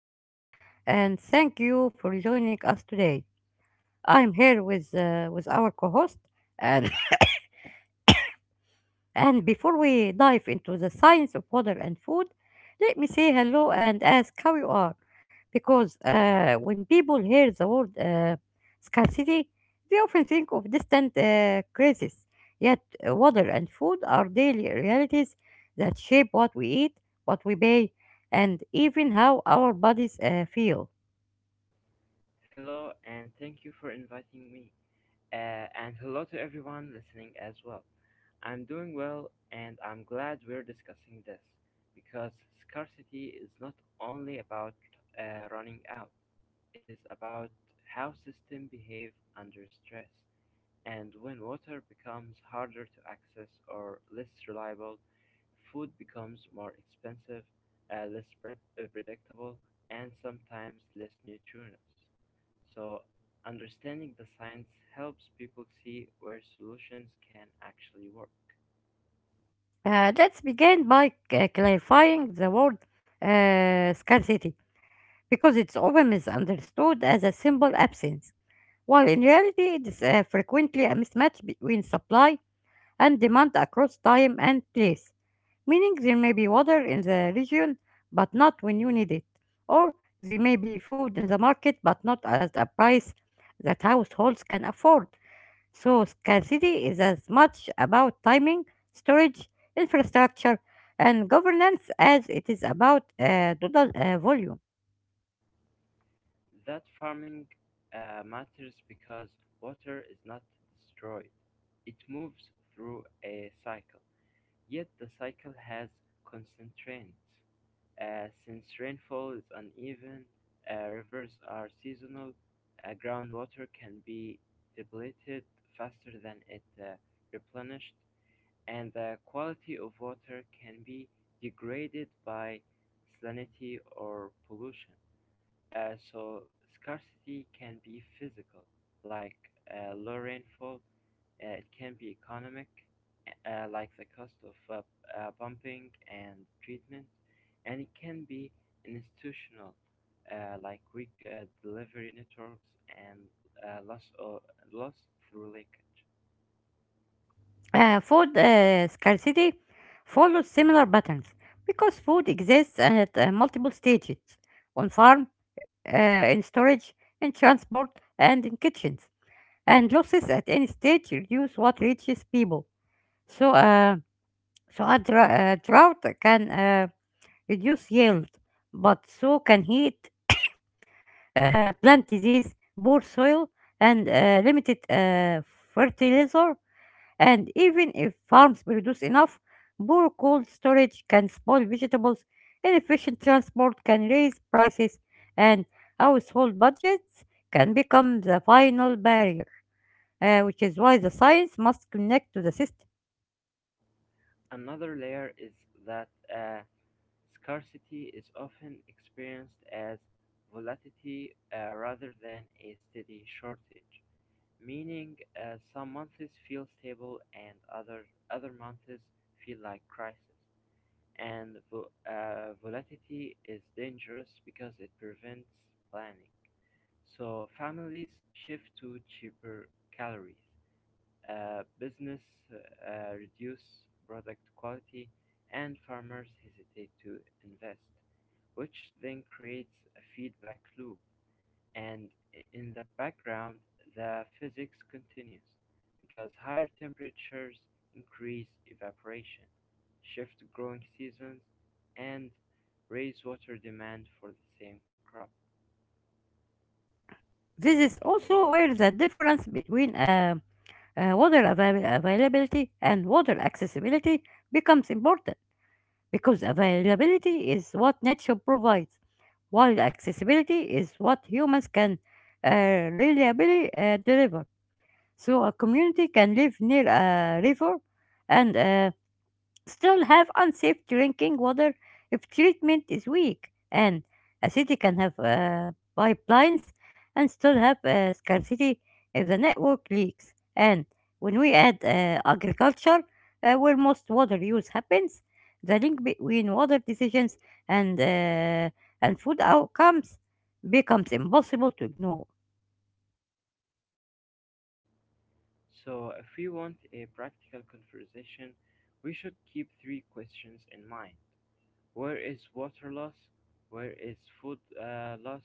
episode. And thank you for joining us today. I'm here with our co-host, and And before we dive into the science of water and food, let me say hello and ask how you are. Because when people hear the word scarcity, they often think of distant crises. Yet, water and food are daily realities that shape what we eat, what we pay, and even how our bodies feel. Hello, and thank you for inviting me. And hello to everyone listening as well. I'm doing well, and I'm glad we're discussing this because scarcity is not only about running out. It is about how systems behave under stress. And when water becomes harder to access or less reliable, food becomes more expensive, less predictable, and sometimes less nutritious. So, understanding the science helps people see where solutions can actually work. Let's begin by clarifying the word scarcity because it's often misunderstood as a simple absence, while in reality it is frequently a mismatch between supply and demand across time and place, meaning there may be water in the region but not when you need it, or there may be food in the market but not at a price that households can afford. So, scarcity is as much about timing, storage, infrastructure, and governance as it is about total volume. That farming matters because water is not destroyed, it moves through a cycle. Yet the cycle has constraints: since rainfall is uneven, rivers are seasonal, groundwater can be depleted faster than it replenished, and the quality of water can be degraded by salinity or pollution. So scarcity can be physical, like low rainfall. It can be economic, like the cost of pumping and treatment, and it can be institutional, like weak delivery networks and uh, loss or loss through leakage. Food scarcity follows similar patterns because food exists at multiple stages on farm, in storage, in transport, and in kitchens. And losses at any stage reduce what reaches people. So, uh, so a drought can reduce yield, but so can heat, plant disease, poor soil, and limited fertilizer. And even if farms produce enough, poor cold storage can spoil vegetables, inefficient transport can raise prices, and household budgets can become the final barrier, which is why the science must connect to the system. Another layer is that uh, scarcity is often experienced as volatility rather than a steady shortage, meaning some months feel stable and other months feel like crisis. And volatility is dangerous because it prevents planning. So families shift to cheaper calories, business reduce product quality, and farmers hesitate to invest, which then creates a feedback loop. And in the background, the physics continues because higher temperatures increase evaporation, shift growing seasons, and raise water demand for the same crop. This is also where the difference between water availability and water accessibility becomes important, because availability is what nature provides, while accessibility is what humans can reliably deliver. So a community can live near a river and still have unsafe drinking water if treatment is weak, and a city can have pipelines and still have scarcity if the network leaks. And when we add agriculture, where most water use happens, the link between water decisions and and food outcomes becomes impossible to ignore. So, if we want a practical conversation, we should keep three questions in mind. Where is water loss, where is food loss,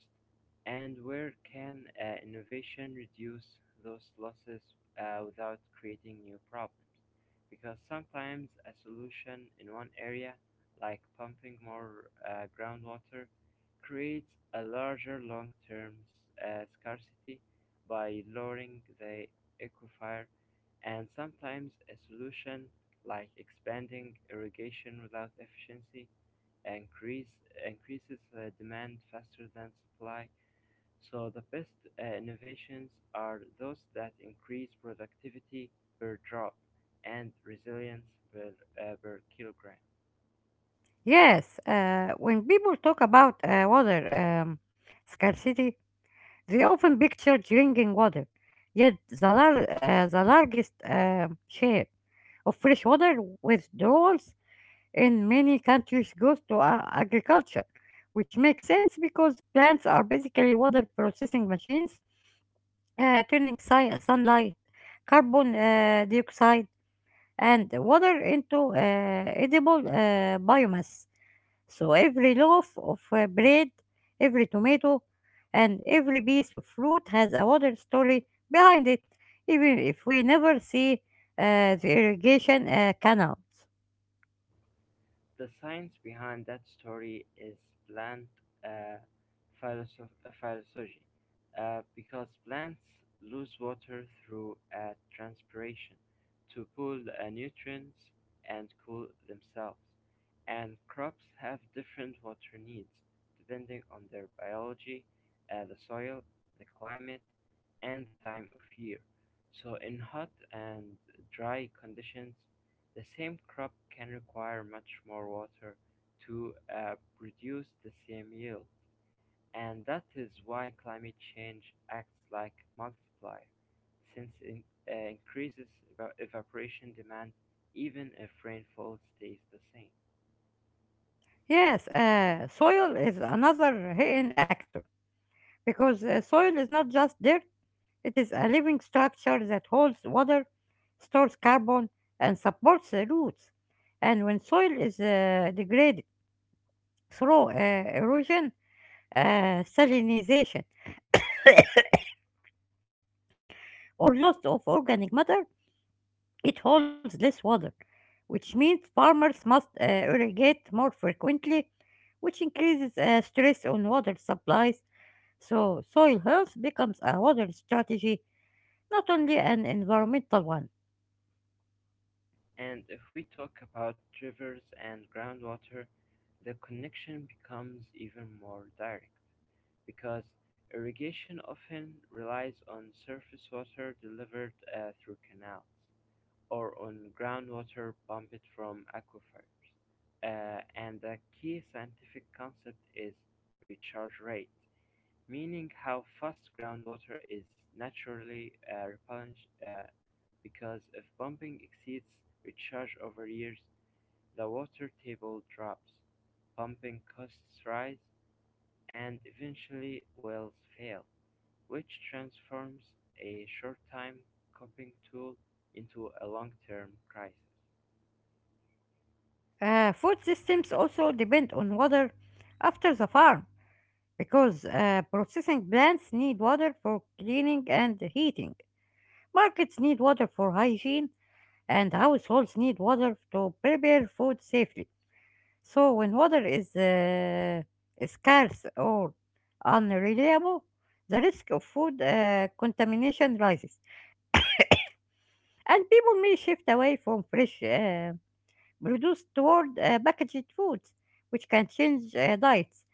and where can innovation reduce those losses without creating new problems? Because sometimes a solution in one area, like pumping more groundwater, creates a larger long term scarcity by lowering the aquifer, and sometimes a solution like expanding irrigation without increase, increases demand faster than supply. So the best innovations are those that increase productivity per drop and resilience per, per kilogram. Yes, when people talk about water scarcity, they often picture drinking water, yet the largest share of fresh water withdrawals in many countries goes to agriculture, which makes sense because plants are basically water processing machines, turning sunlight, carbon dioxide, and water into edible biomass. So every loaf of bread, every tomato, and every piece of fruit has a water story behind it, even if we never see the irrigation canals. The science behind that story is plant uh, philosophy, because plants lose water through transpiration to pull nutrients and cool themselves, and crops have different water needs depending on their biology, the soil, the climate, and the time of year. So, in hot and dry conditions, the same crop can require much more water to produce the same yield. And that is why climate change acts like a multiplier, since it increases evaporation demand even if rainfall stays the same. Yes, soil is another hidden actor because soil is not just dirt, it is a living structure that holds water, stores carbon, and supports the roots. And when soil is degraded through erosion, salinization, or loss of organic matter, it holds less water, which means farmers must irrigate more frequently, which increases stress on water supplies. So, soil health becomes a water strategy, not only an environmental one. And if we talk about rivers and groundwater, the connection becomes even more direct because irrigation often relies on surface water delivered through canals or on groundwater pumped from aquifers. And a key scientific concept is recharge rate, meaning how fast groundwater is naturally replenished, because if pumping exceeds recharge over years, the water table drops, pumping costs rise, and eventually wells fail, which transforms a short-time coping tool into a long-term crisis. Food systems also depend on water after the farm because processing plants need water for cleaning and heating. Markets need water for hygiene, and households need water to prepare food safely. So when water is scarce or unreliable, the risk of food contamination rises, and people may shift away from fresh produce toward packaged foods, which can change diets.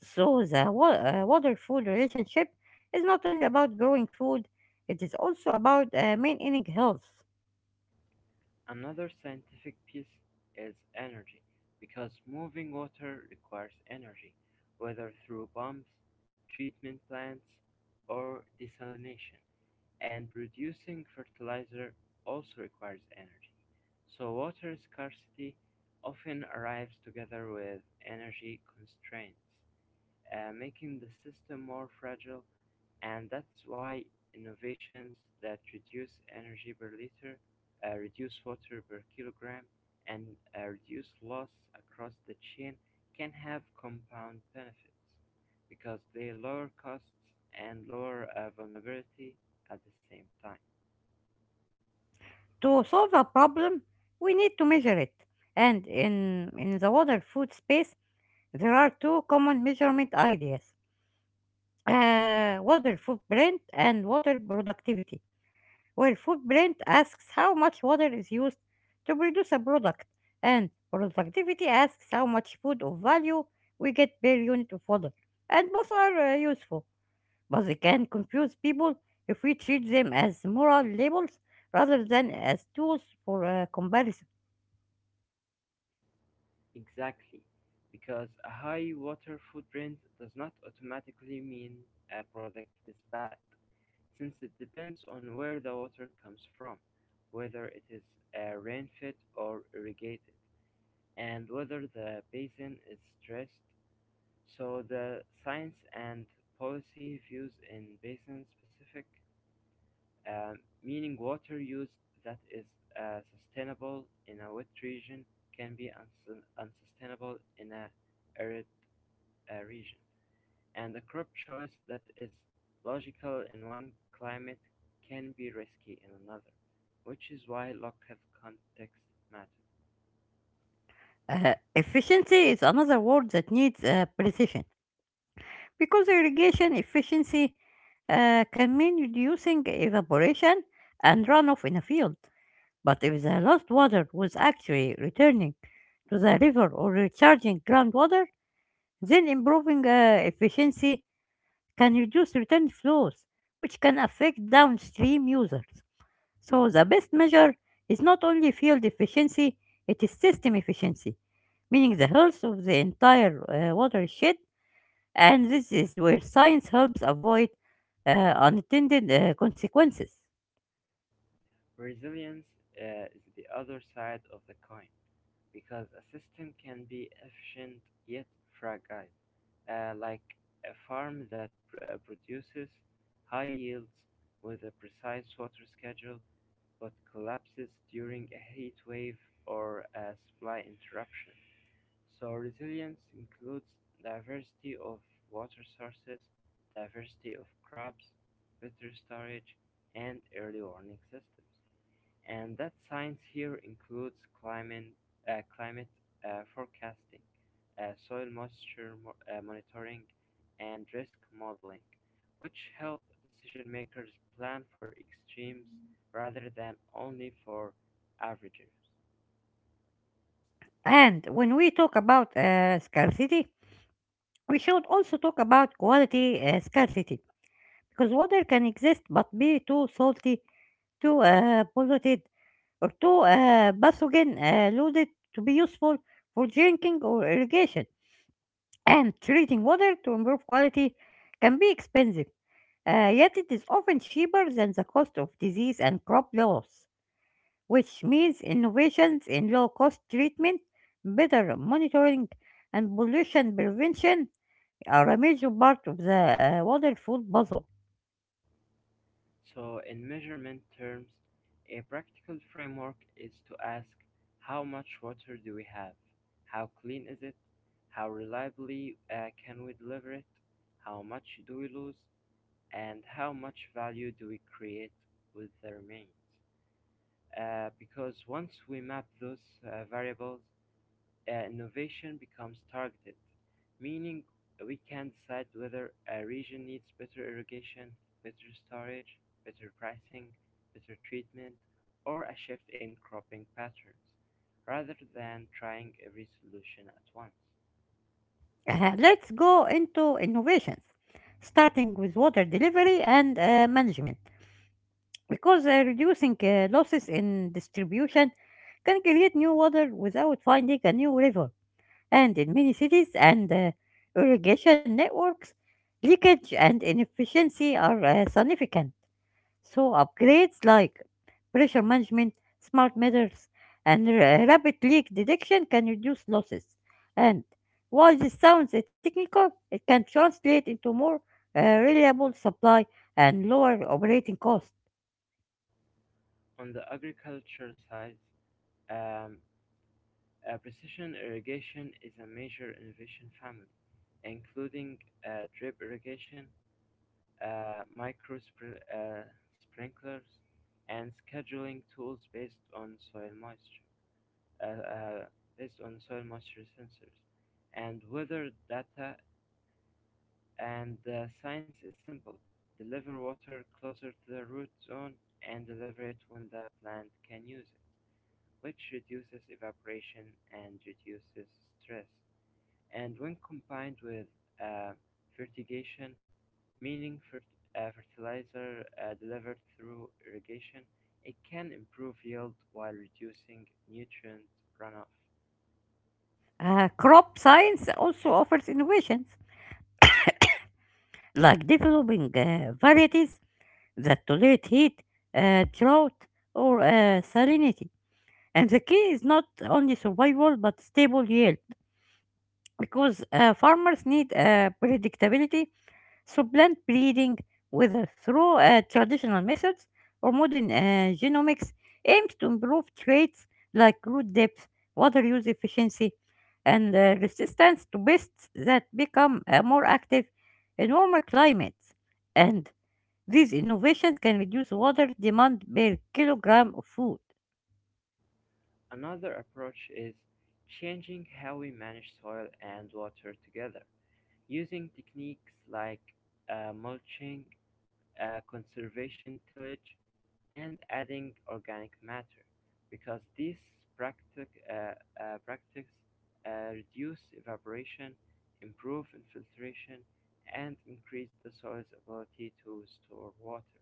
So the water-food relationship is not only about growing food; it is also about maintaining health. Another scientific piece is energy, because moving water requires energy, whether through pumps, treatment plants, or desalination, and producing fertilizer also requires energy. So water scarcity often arrives together with energy constraints, making the system more fragile, and that's why innovations that reduce energy per liter, reduce water per kilogram, and reduce loss across the chain can have compound benefits because they lower costs and lower vulnerability at the same time. To solve a problem, we need to measure it, and in the water-food space there are two common measurement ideas, water footprint and water productivity, where footprint asks how much water is used to produce a product, and productivity asks how much food of value we get per unit of water. And both are useful, but they can confuse people if we treat them as moral labels rather than as tools for comparison. Exactly, because a high water footprint does not automatically mean a product is bad, since it depends on where the water comes from, whether it is rain-fed or irrigated, and whether the basin is stressed. So the science and policy views in basin-specific, uh, meaning water use that is sustainable in a wet region can be unsustainable in a arid region, and a crop choice that is logical in one climate can be risky in another, which is why local context matters. Efficiency is another word that needs precision, because irrigation efficiency can mean reducing evaporation and runoff in a field. But if the lost water was actually returning to the river or recharging groundwater, then improving efficiency can reduce return flows, which can affect downstream users. So the best measure is not only field efficiency, it is system efficiency, meaning the health of the entire watershed, and this is where science helps avoid unintended consequences. Resilience is the other side of the coin because a system can be efficient yet fragile, like a farm that produces high yields with a precise water schedule but collapses during a heat wave or a supply interruption. So, resilience includes diversity of water sources, diversity of crops, better storage, and early warning systems, and that science here includes climate, uh, climate forecasting, soil moisture monitoring, and risk modeling, which help decision makers plan for extremes rather than only for averages. And when we talk about scarcity, we should also talk about quality scarcity because water can exist but be too salty, too polluted, or too pathogen loaded to be useful for drinking or irrigation. And treating water to improve quality can be expensive, yet it is often cheaper than the cost of disease and crop loss, which means innovations in low cost treatment, better monitoring, and pollution prevention are a major part of the water food puzzle. So, in measurement terms, a practical framework is to ask, how much water do we have? How clean is it? How reliably can we deliver it? How much do we lose? And how much value do we create with the remains? Because once we map those variables, innovation becomes targeted, meaning we can decide whether a region needs better irrigation, better storage, better pricing, better treatment, or a shift in cropping patterns, rather than trying every solution at once. Let's go into innovations, starting with water delivery and management, because reducing losses in distribution can create new water without finding a new river. And in many cities and irrigation networks, leakage and inefficiency are significant. So upgrades like pressure management, smart meters, and rapid leak detection can reduce losses. And while this sounds technical, it can translate into more reliable supply and lower operating costs. On the agriculture side, um, precision irrigation is a major innovation family, including drip irrigation, micro sprinklers, and scheduling tools uh, uh, based on soil moisture sensors, and weather data. And the science is simple: deliver water closer to the root zone and deliver it when the plant can use it, which reduces evaporation and reduces stress. And when combined with uh, fertigation, meaning fertilizer delivered through irrigation, it can improve yield while reducing nutrient runoff. Crop science also offers innovations like developing varieties that tolerate heat, drought, or salinity. And the key is not only survival but stable yield, because farmers need predictability, so plant breeding, whether through traditional methods or modern genomics, aims to improve traits like root depth, water use efficiency, and resistance to pests that become more active in warmer climates. And these innovations can reduce water demand per kilogram of food. Another approach is changing how we manage soil and water together, using techniques like mulching, conservation tillage, and adding organic matter, because these practic, uh, practices reduce evaporation, improve infiltration, and increase the soil's ability to store water.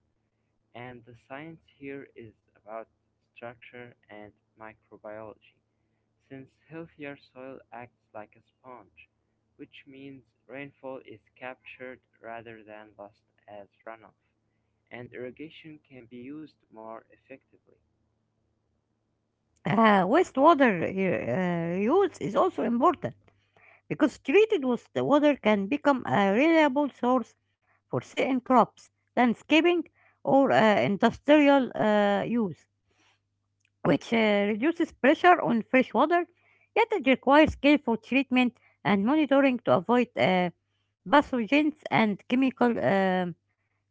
And the science here is about structure and microbiology, since healthier soil acts like a sponge, which means rainfall is captured rather than lost as runoff, and irrigation can be used more effectively. Wastewater use is also important because treated with the water can become a reliable source for certain crops, landscaping, or industrial use, which reduces pressure on fresh water, yet it requires careful treatment and monitoring to avoid pathogens and chemical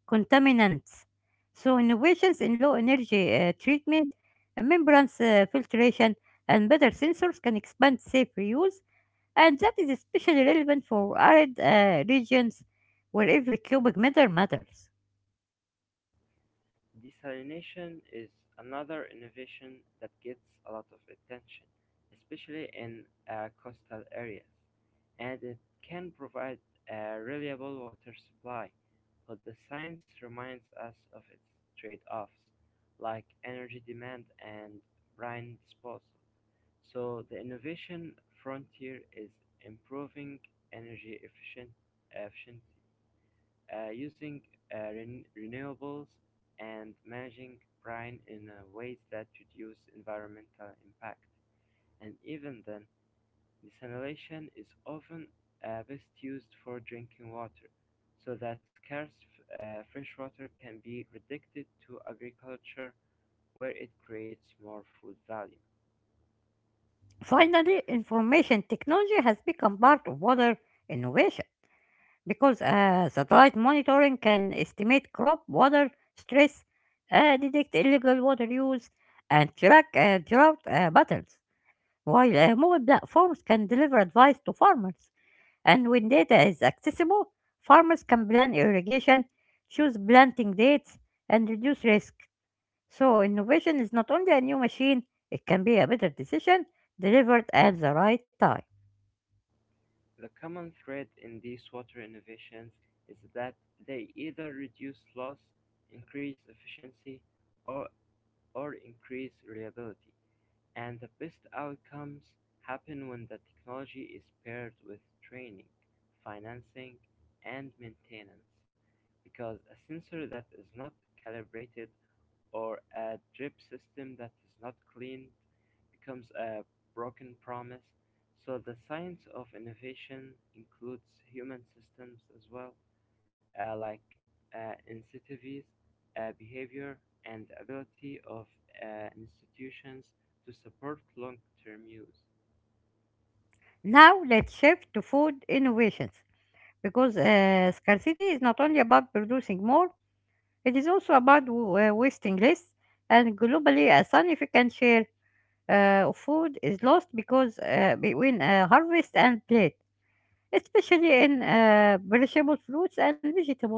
contaminants. So, innovations in low energy treatment, membrane filtration, and better sensors can expand safe reuse, and that is especially relevant for arid regions where every cubic meter matters. Desalination is another innovation that gets a lot of attention, especially in coastal areas, and it can provide a reliable water supply, but the science reminds us of its trade-offs, like energy demand and brine disposal. So the innovation frontier is improving energy efficient efficiency using renewables and managing brine in ways that reduce environmental impact. And even then, desalination is often best used for drinking water, so that scarce fresh water can be redirected to agriculture where it creates more food value. Finally, information technology has become part of water innovation because satellite monitoring can estimate crop water stress, detect illegal water use, and track drought patterns, while mobile platforms can deliver advice to farmers. And when data is accessible, farmers can plan irrigation, choose planting dates, and reduce risk. So innovation is not only a new machine, it can be a better decision delivered at the right time. The common thread in these water innovations is that they either reduce loss, increase efficiency, or or increase reliability, and the best outcomes happen when the technology is paired with training, financing, and maintenance, because a sensor that is not calibrated or a drip system that is not cleaned becomes a broken promise. So the science of innovation includes human systems as well, like incentives, behavior, and the ability of institutions to support long term use. Now let's shift to food innovations because scarcity is not only about producing more, it is also about wasting less. And globally, a significant share of food is lost because between harvest and plate, especially in perishable fruits and vegetables.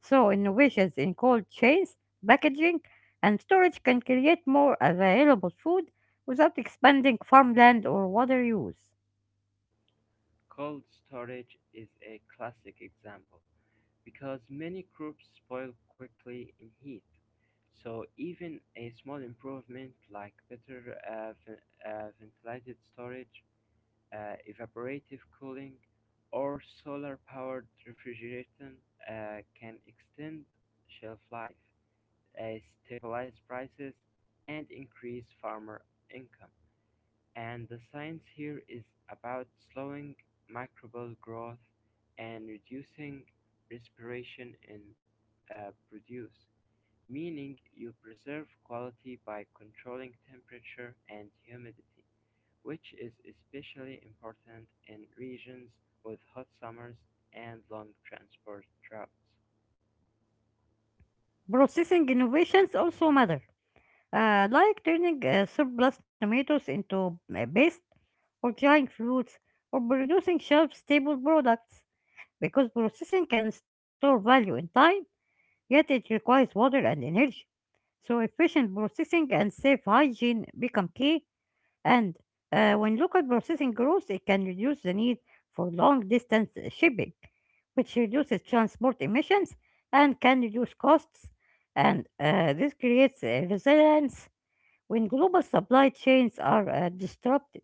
So innovations in cold chains, packaging, and storage can create more available food without expanding farmland or water use. Cold storage is a classic example because many crops spoil quickly in heat. So, even a small improvement like better ventilated storage, evaporative cooling, or solar powered refrigeration can extend shelf life, uh, stabilize prices, and increase farmer income. And the science here is about slowing microbial growth and reducing respiration in produce, meaning you preserve quality by controlling temperature and humidity, which is especially important in regions with hot summers and long transport droughts. Processing innovations also matter, like turning surplus tomatoes into paste or drying fruits or producing shelf-stable products because processing can store value in time, yet it requires water and energy. So efficient processing and safe hygiene become key. And when local processing grows, it can reduce the need for long distance shipping, which reduces transport emissions and can reduce costs. And this creates resilience when global supply chains are disrupted.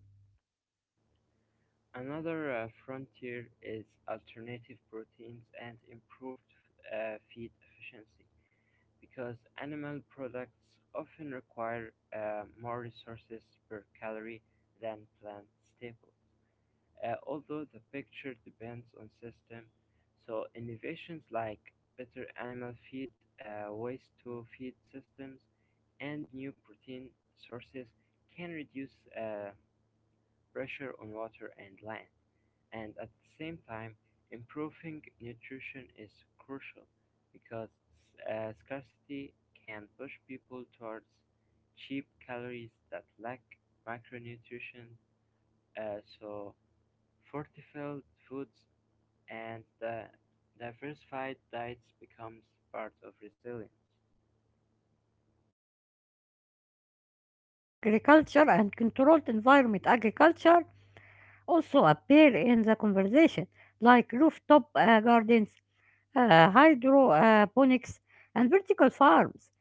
Another frontier is alternative proteins and improved feed efficiency, because animal products often require more resources per calorie than plant staples. Although the picture depends on system, so innovations like better animal feed, waste to feed systems, and new protein sources can reduce uh, pressure on water and land. And at the same time, improving nutrition is crucial because scarcity can push people towards cheap calories that lack micronutrition, so fortified foods and diversified diets becomes part of resilience. Urban agriculture and controlled environment agriculture also appear in the conversation, like rooftop gardens, hydroponics, and vertical farms.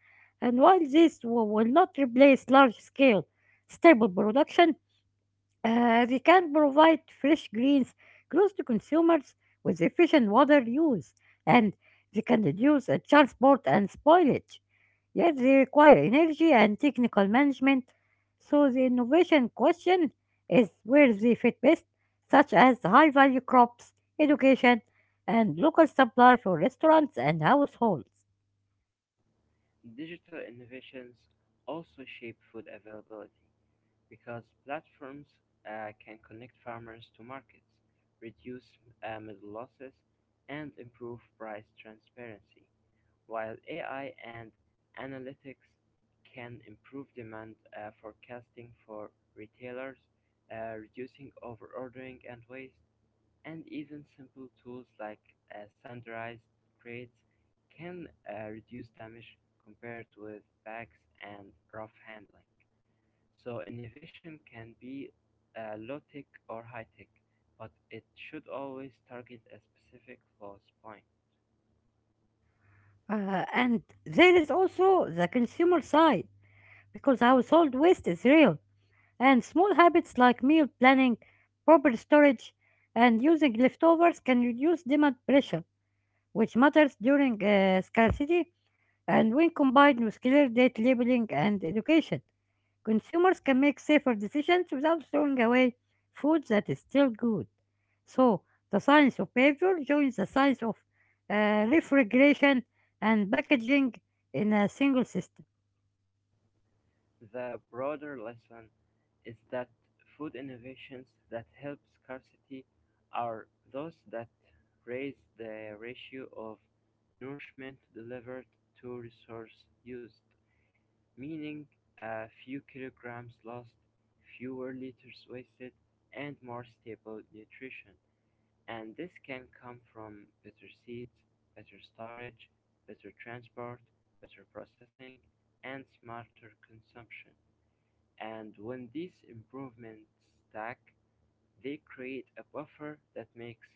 And while will not replace large scale stable production, they can provide fresh greens close to consumers with efficient water use, and they can reduce transport and spoilage. Yet they require energy and technical management, so the innovation question is where they fit best, such as high value crops, education, and local supply for restaurants and households. Digital innovations also shape food availability because platforms can connect farmers to markets, reduce middle losses, and improve price transparency, while AI and analytics can improve demand forecasting for retailers, reducing overordering and waste, and even simple tools like standardized crates can reduce damage compared with bags and rough handling. So innovation can be low-tech or high-tech, but it should always target a specific loss point. And there is also the consumer side, because household waste is real. And small habits like meal planning, proper storage, and using leftovers can reduce demand pressure, which matters during scarcity, and when combined with clear date labeling and education, consumers can make safer decisions without throwing away food that is still good. So, the science of behavior joins the science of refrigeration and packaging in a single system. The broader lesson is that food innovations that help scarcity are those that raise the ratio of nourishment delivered to resource used, meaning a few kilograms lost, fewer liters wasted, and more stable nutrition. And this can come from better seeds, better storage, better transport, better processing, and smarter consumption. And when these improvements stack, they create a buffer that makes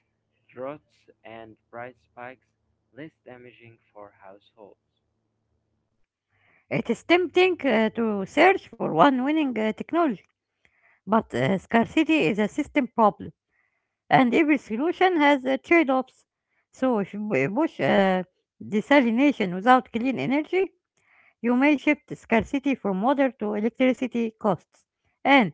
droughts and price spikes less damaging for households. It is tempting to search for one winning technology. But scarcity is a system problem, and every solution has trade offs. So, if you push desalination without clean energy, you may shift scarcity from water to electricity costs. And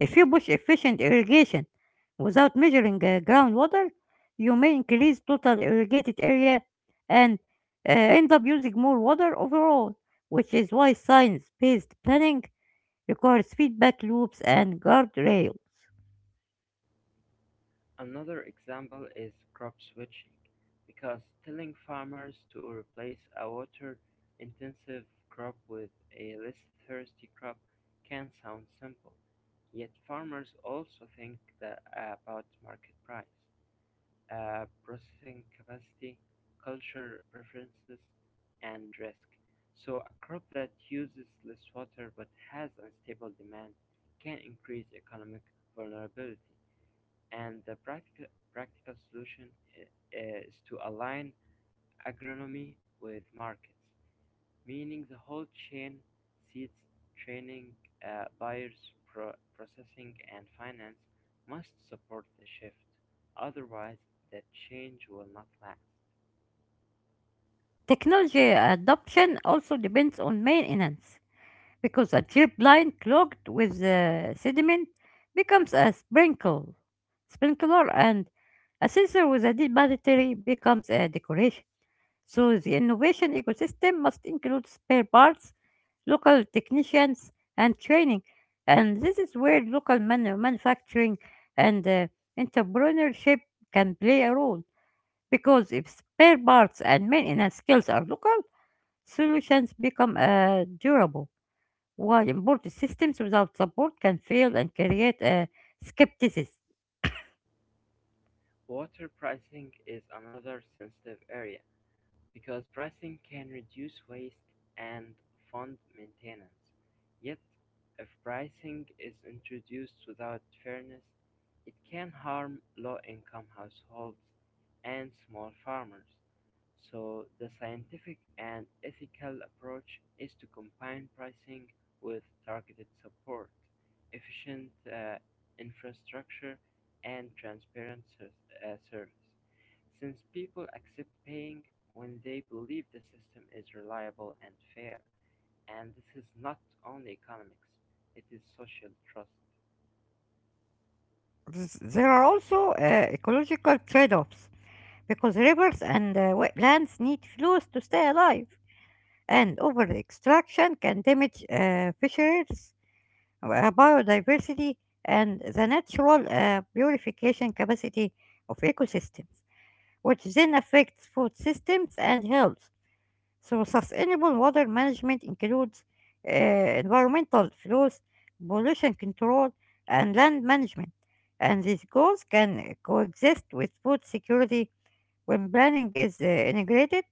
if you push efficient irrigation without measuring groundwater, you may increase total irrigated area and end up using more water overall, which is why science based planning requires feedback loops and guardrails. Another example is crop switching, because telling farmers to replace a water intensive crop with a less thirsty crop can sound simple, yet farmers also think that about market price, processing capacity, culture preferences, and risk. So, a crop that uses less water but has unstable demand can increase economic vulnerability and the practical solution i- is to align agronomy with markets, meaning the whole chain seeds, training, buyers, processing, and finance must support the shift. Otherwise, the change will not last. Technology adoption also depends on maintenance because a drip line clogged with sediment becomes a sprinkler, and a sensor with a deep battery becomes a decoration. So the innovation ecosystem must include spare parts, local technicians, and training. And this is where local manufacturing and entrepreneurship can play a role. Because if spare parts and maintenance skills are local, solutions become durable, while imported systems without support can fail and create skepticism. Water pricing is another sensitive area because pricing can reduce waste and fund maintenance. Yet, if pricing is introduced without fairness, it can harm low income households and small farmers. So, the scientific and ethical approach is to combine pricing with targeted support, efficient infrastructure, and transparent service since people accept paying when they believe the system is reliable and fair. And this is not only economics, it is social trust. There are also ecological trade offs because rivers and wetlands need flows to stay alive, and over extraction can damage fisheries, biodiversity, and the natural purification capacity of ecosystems, which then affects food systems and health. So, sustainable water management includes environmental flows, pollution control, and land management, and these goals can coexist with food security when planning is integrated,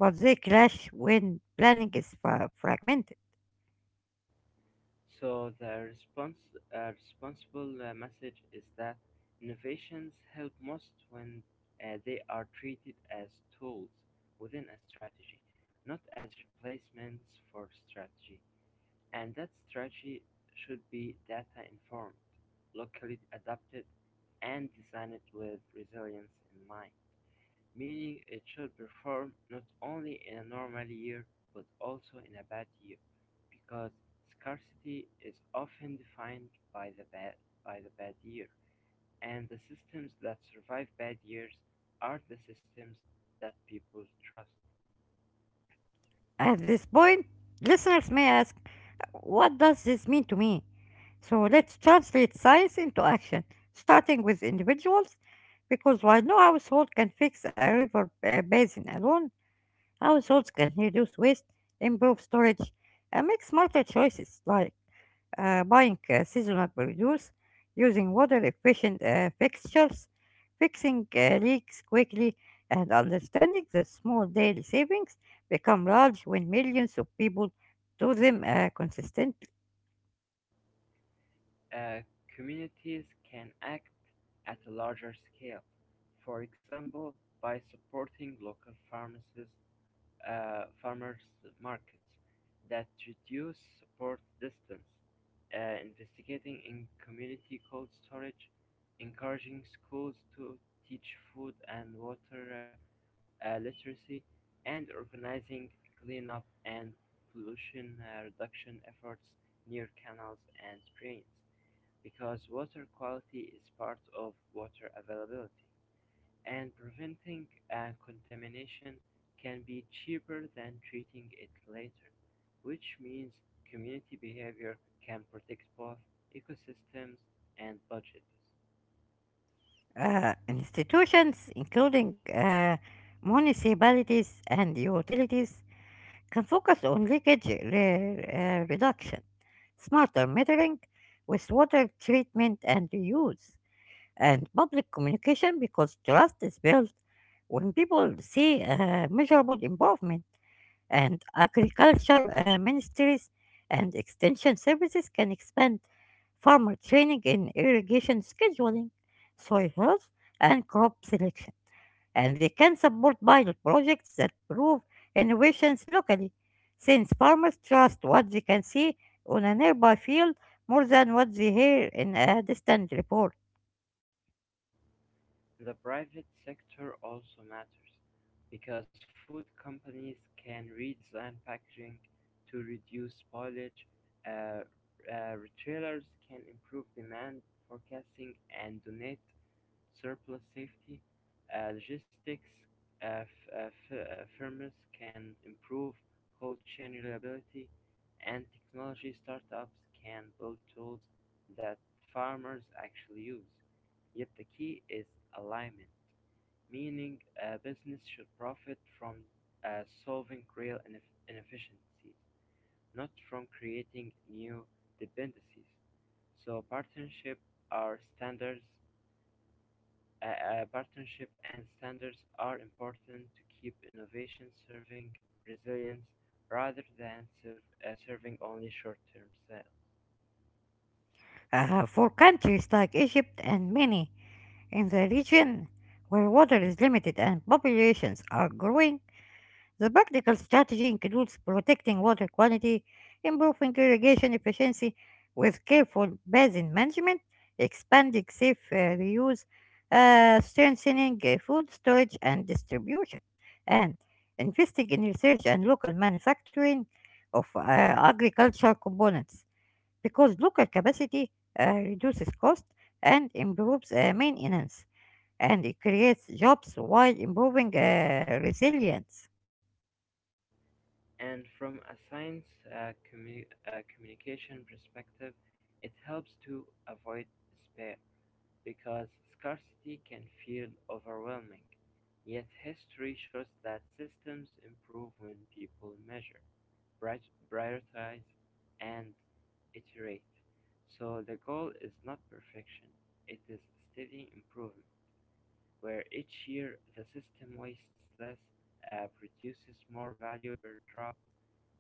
but they clash when planning is fragmented. So the responsible message is that innovations help most when they are treated as tools within a strategy, not as replacements for strategy. And that strategy should be data-informed, locally adapted, and designed with resilience in mind, meaning it should perform not only in a normal year but also in a bad year, because scarcity is often defined by the bad, by the bad year, and the systems that survive bad years are the systems that people trust. At this point, listeners may ask, what does this mean to me? So let's translate science into action, starting with individuals, because while no household can fix a river basin alone, households can reduce waste, improve storage, and make smarter choices like buying seasonal produce, using water-efficient fixtures, fixing leaks quickly, and understanding that small daily savings become large when millions of people do them consistently. uh, Communities can act at a larger scale, for example by supporting local pharmacies, farmers markets that reduce support distance, investigating in community cold storage, encouraging schools to teach food and water literacy, and organizing cleanup and pollution reduction efforts near canals and drains. Because water quality is part of water availability, and preventing a contamination can be cheaper than treating it later, which means community behavior can protect both ecosystems and budgets. Institutions, including municipalities and utilities, can focus on leakage reduction, smarter metering with water treatment and reuse. And public communication because trust is built when people see measurable improvement and agriculture ministries and extension services can expand farmer training in irrigation scheduling, soil health, and crop selection. And they can support pilot projects that prove innovations locally, since farmers trust what they can see on a nearby field more than what they hear in a distant report. The private sector also matters, because food companies can redesign packaging to reduce spoilage, uh, retailers can improve demand forecasting and donate Surplus safety logistics uh, uh, uh, firms can improve cold chain reliability, and technology startups can build tools that farmers actually use. Yet the key is alignment, meaning a business should profit from solving real inefficiencies, not from creating new dependencies. So are standards partnership and standards are important to keep innovation serving resilience rather than serving only short-term sales. For countries like Egypt and many in the region where water is limited and populations are growing, the practical strategy includes protecting water quality, improving irrigation efficiency with careful basin management, expanding safe reuse, strengthening food storage and distribution, and investing in research and local manufacturing of agricultural components because local capacity reduces cost and improves maintenance, and it creates jobs while improving resilience. And from a science communication perspective, it helps to avoid despair. Because scarcity can feel overwhelming, yet history shows that systems improve when people measure, prioritize, and iterate. So the goal is not perfection, it is steady improvement, where each year the system wastes less, produces more value per drop,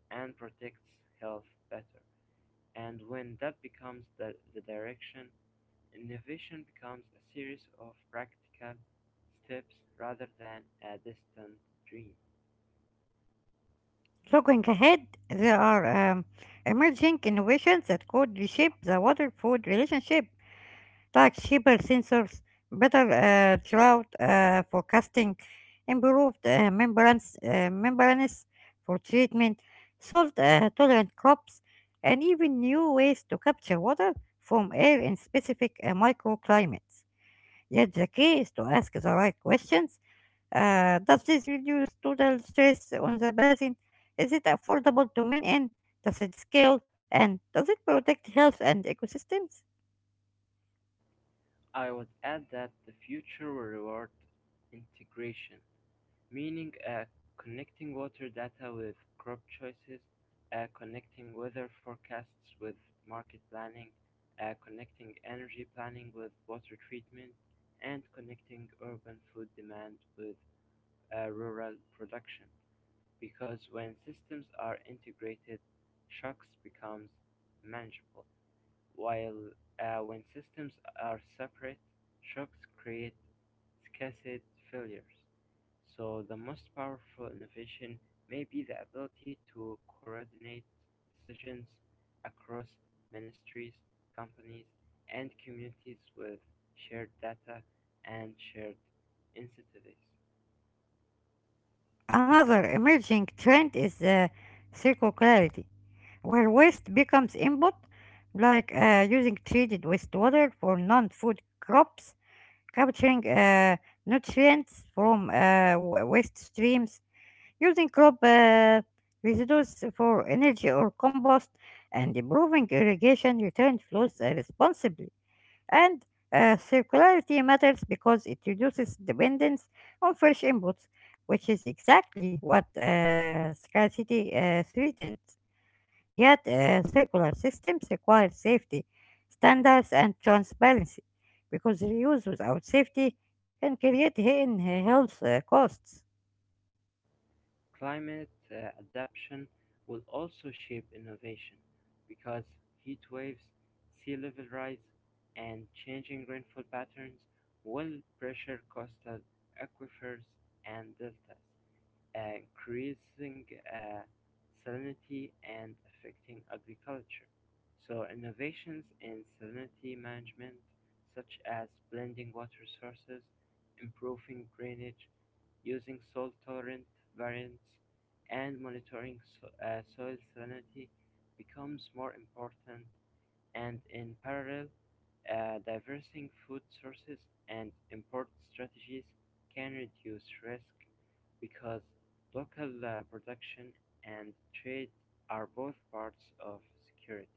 and protects health better. And when that becomes the direction, innovation becomes a series of practical steps rather than a distant dream. Looking ahead, there are um, emerging innovations that could reshape the water food relationship, like cheaper sensors, better drought forecasting, improved membranes for treatment, salt tolerant crops, and even new ways to capture water from air in specific microclimates. Yet the key is to ask the right questions. Does this reduce total stress on the basin? Is it affordable to men and does it scale? And does it protect health and ecosystems? I would add that the future will reward integration, meaning connecting water data with crop choices, connecting weather forecasts with market planning, connecting energy planning with water treatment, and connecting urban food demand with rural production. Because when systems are integrated, shocks becomes manageable, while when systems are separate, shocks create cascade failures. So the most powerful innovation may be the ability to coordinate decisions across ministries, companies, and communities with shared data and shared incentives. Another emerging trend is circularity, where waste becomes input, like using treated wastewater for non food crops, capturing nutrients from waste streams, using crop residues for energy or compost, and improving irrigation return flows responsibly. And circularity matters because it reduces dependence on fresh inputs, which is exactly what scarcity threatens. Yet, circular systems require safety standards and transparency because reuse without safety can create hidden health costs. Climate adaptation will also shape innovation, because heat waves, sea level rise, and changing rainfall patterns will pressure coastal aquifers and deltas increasing uh, salinity and affecting agriculture. So innovations in salinity management, such as blending water sources, improving drainage, using salt tolerant variants, and monitoring soil salinity becomes more important and in parallel, diversifying food sources and import strategies can reduce risk because local production and trade are both parts of security.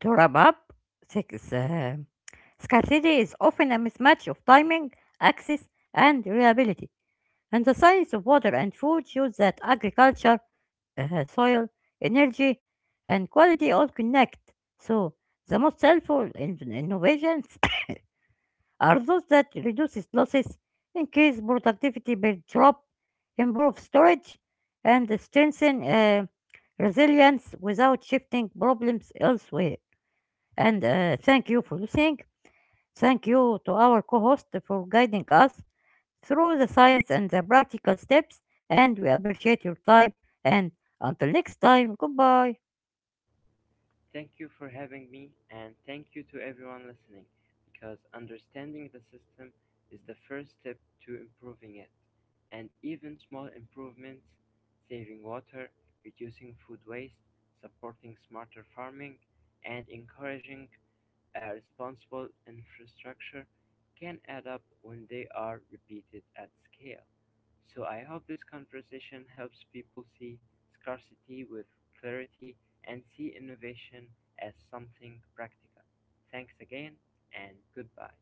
To wrap up, six, uh, scarcity is often a mismatch of timing, access, and reliability. And the science of water and food shows that agriculture soil, energy, and quality all connect. So the most helpful innovations are those that reduces losses, increase productivity per drop, improve storage, and strengthen resilience without shifting problems elsewhere. And thank you for listening. Thank you to our co-host for guiding us through the science and the practical steps. And we appreciate your time. And until next time, goodbye. Thank you for having me, and thank you to everyone listening, because understanding the system is the first step to improving it. And even small improvements, saving water, reducing food waste, supporting smarter farming, and encouraging a responsible infrastructure can add up when they are repeated at scale. So I hope this conversation helps people see scarcity with clarity and see innovation as something practical. Thanks again and goodbye.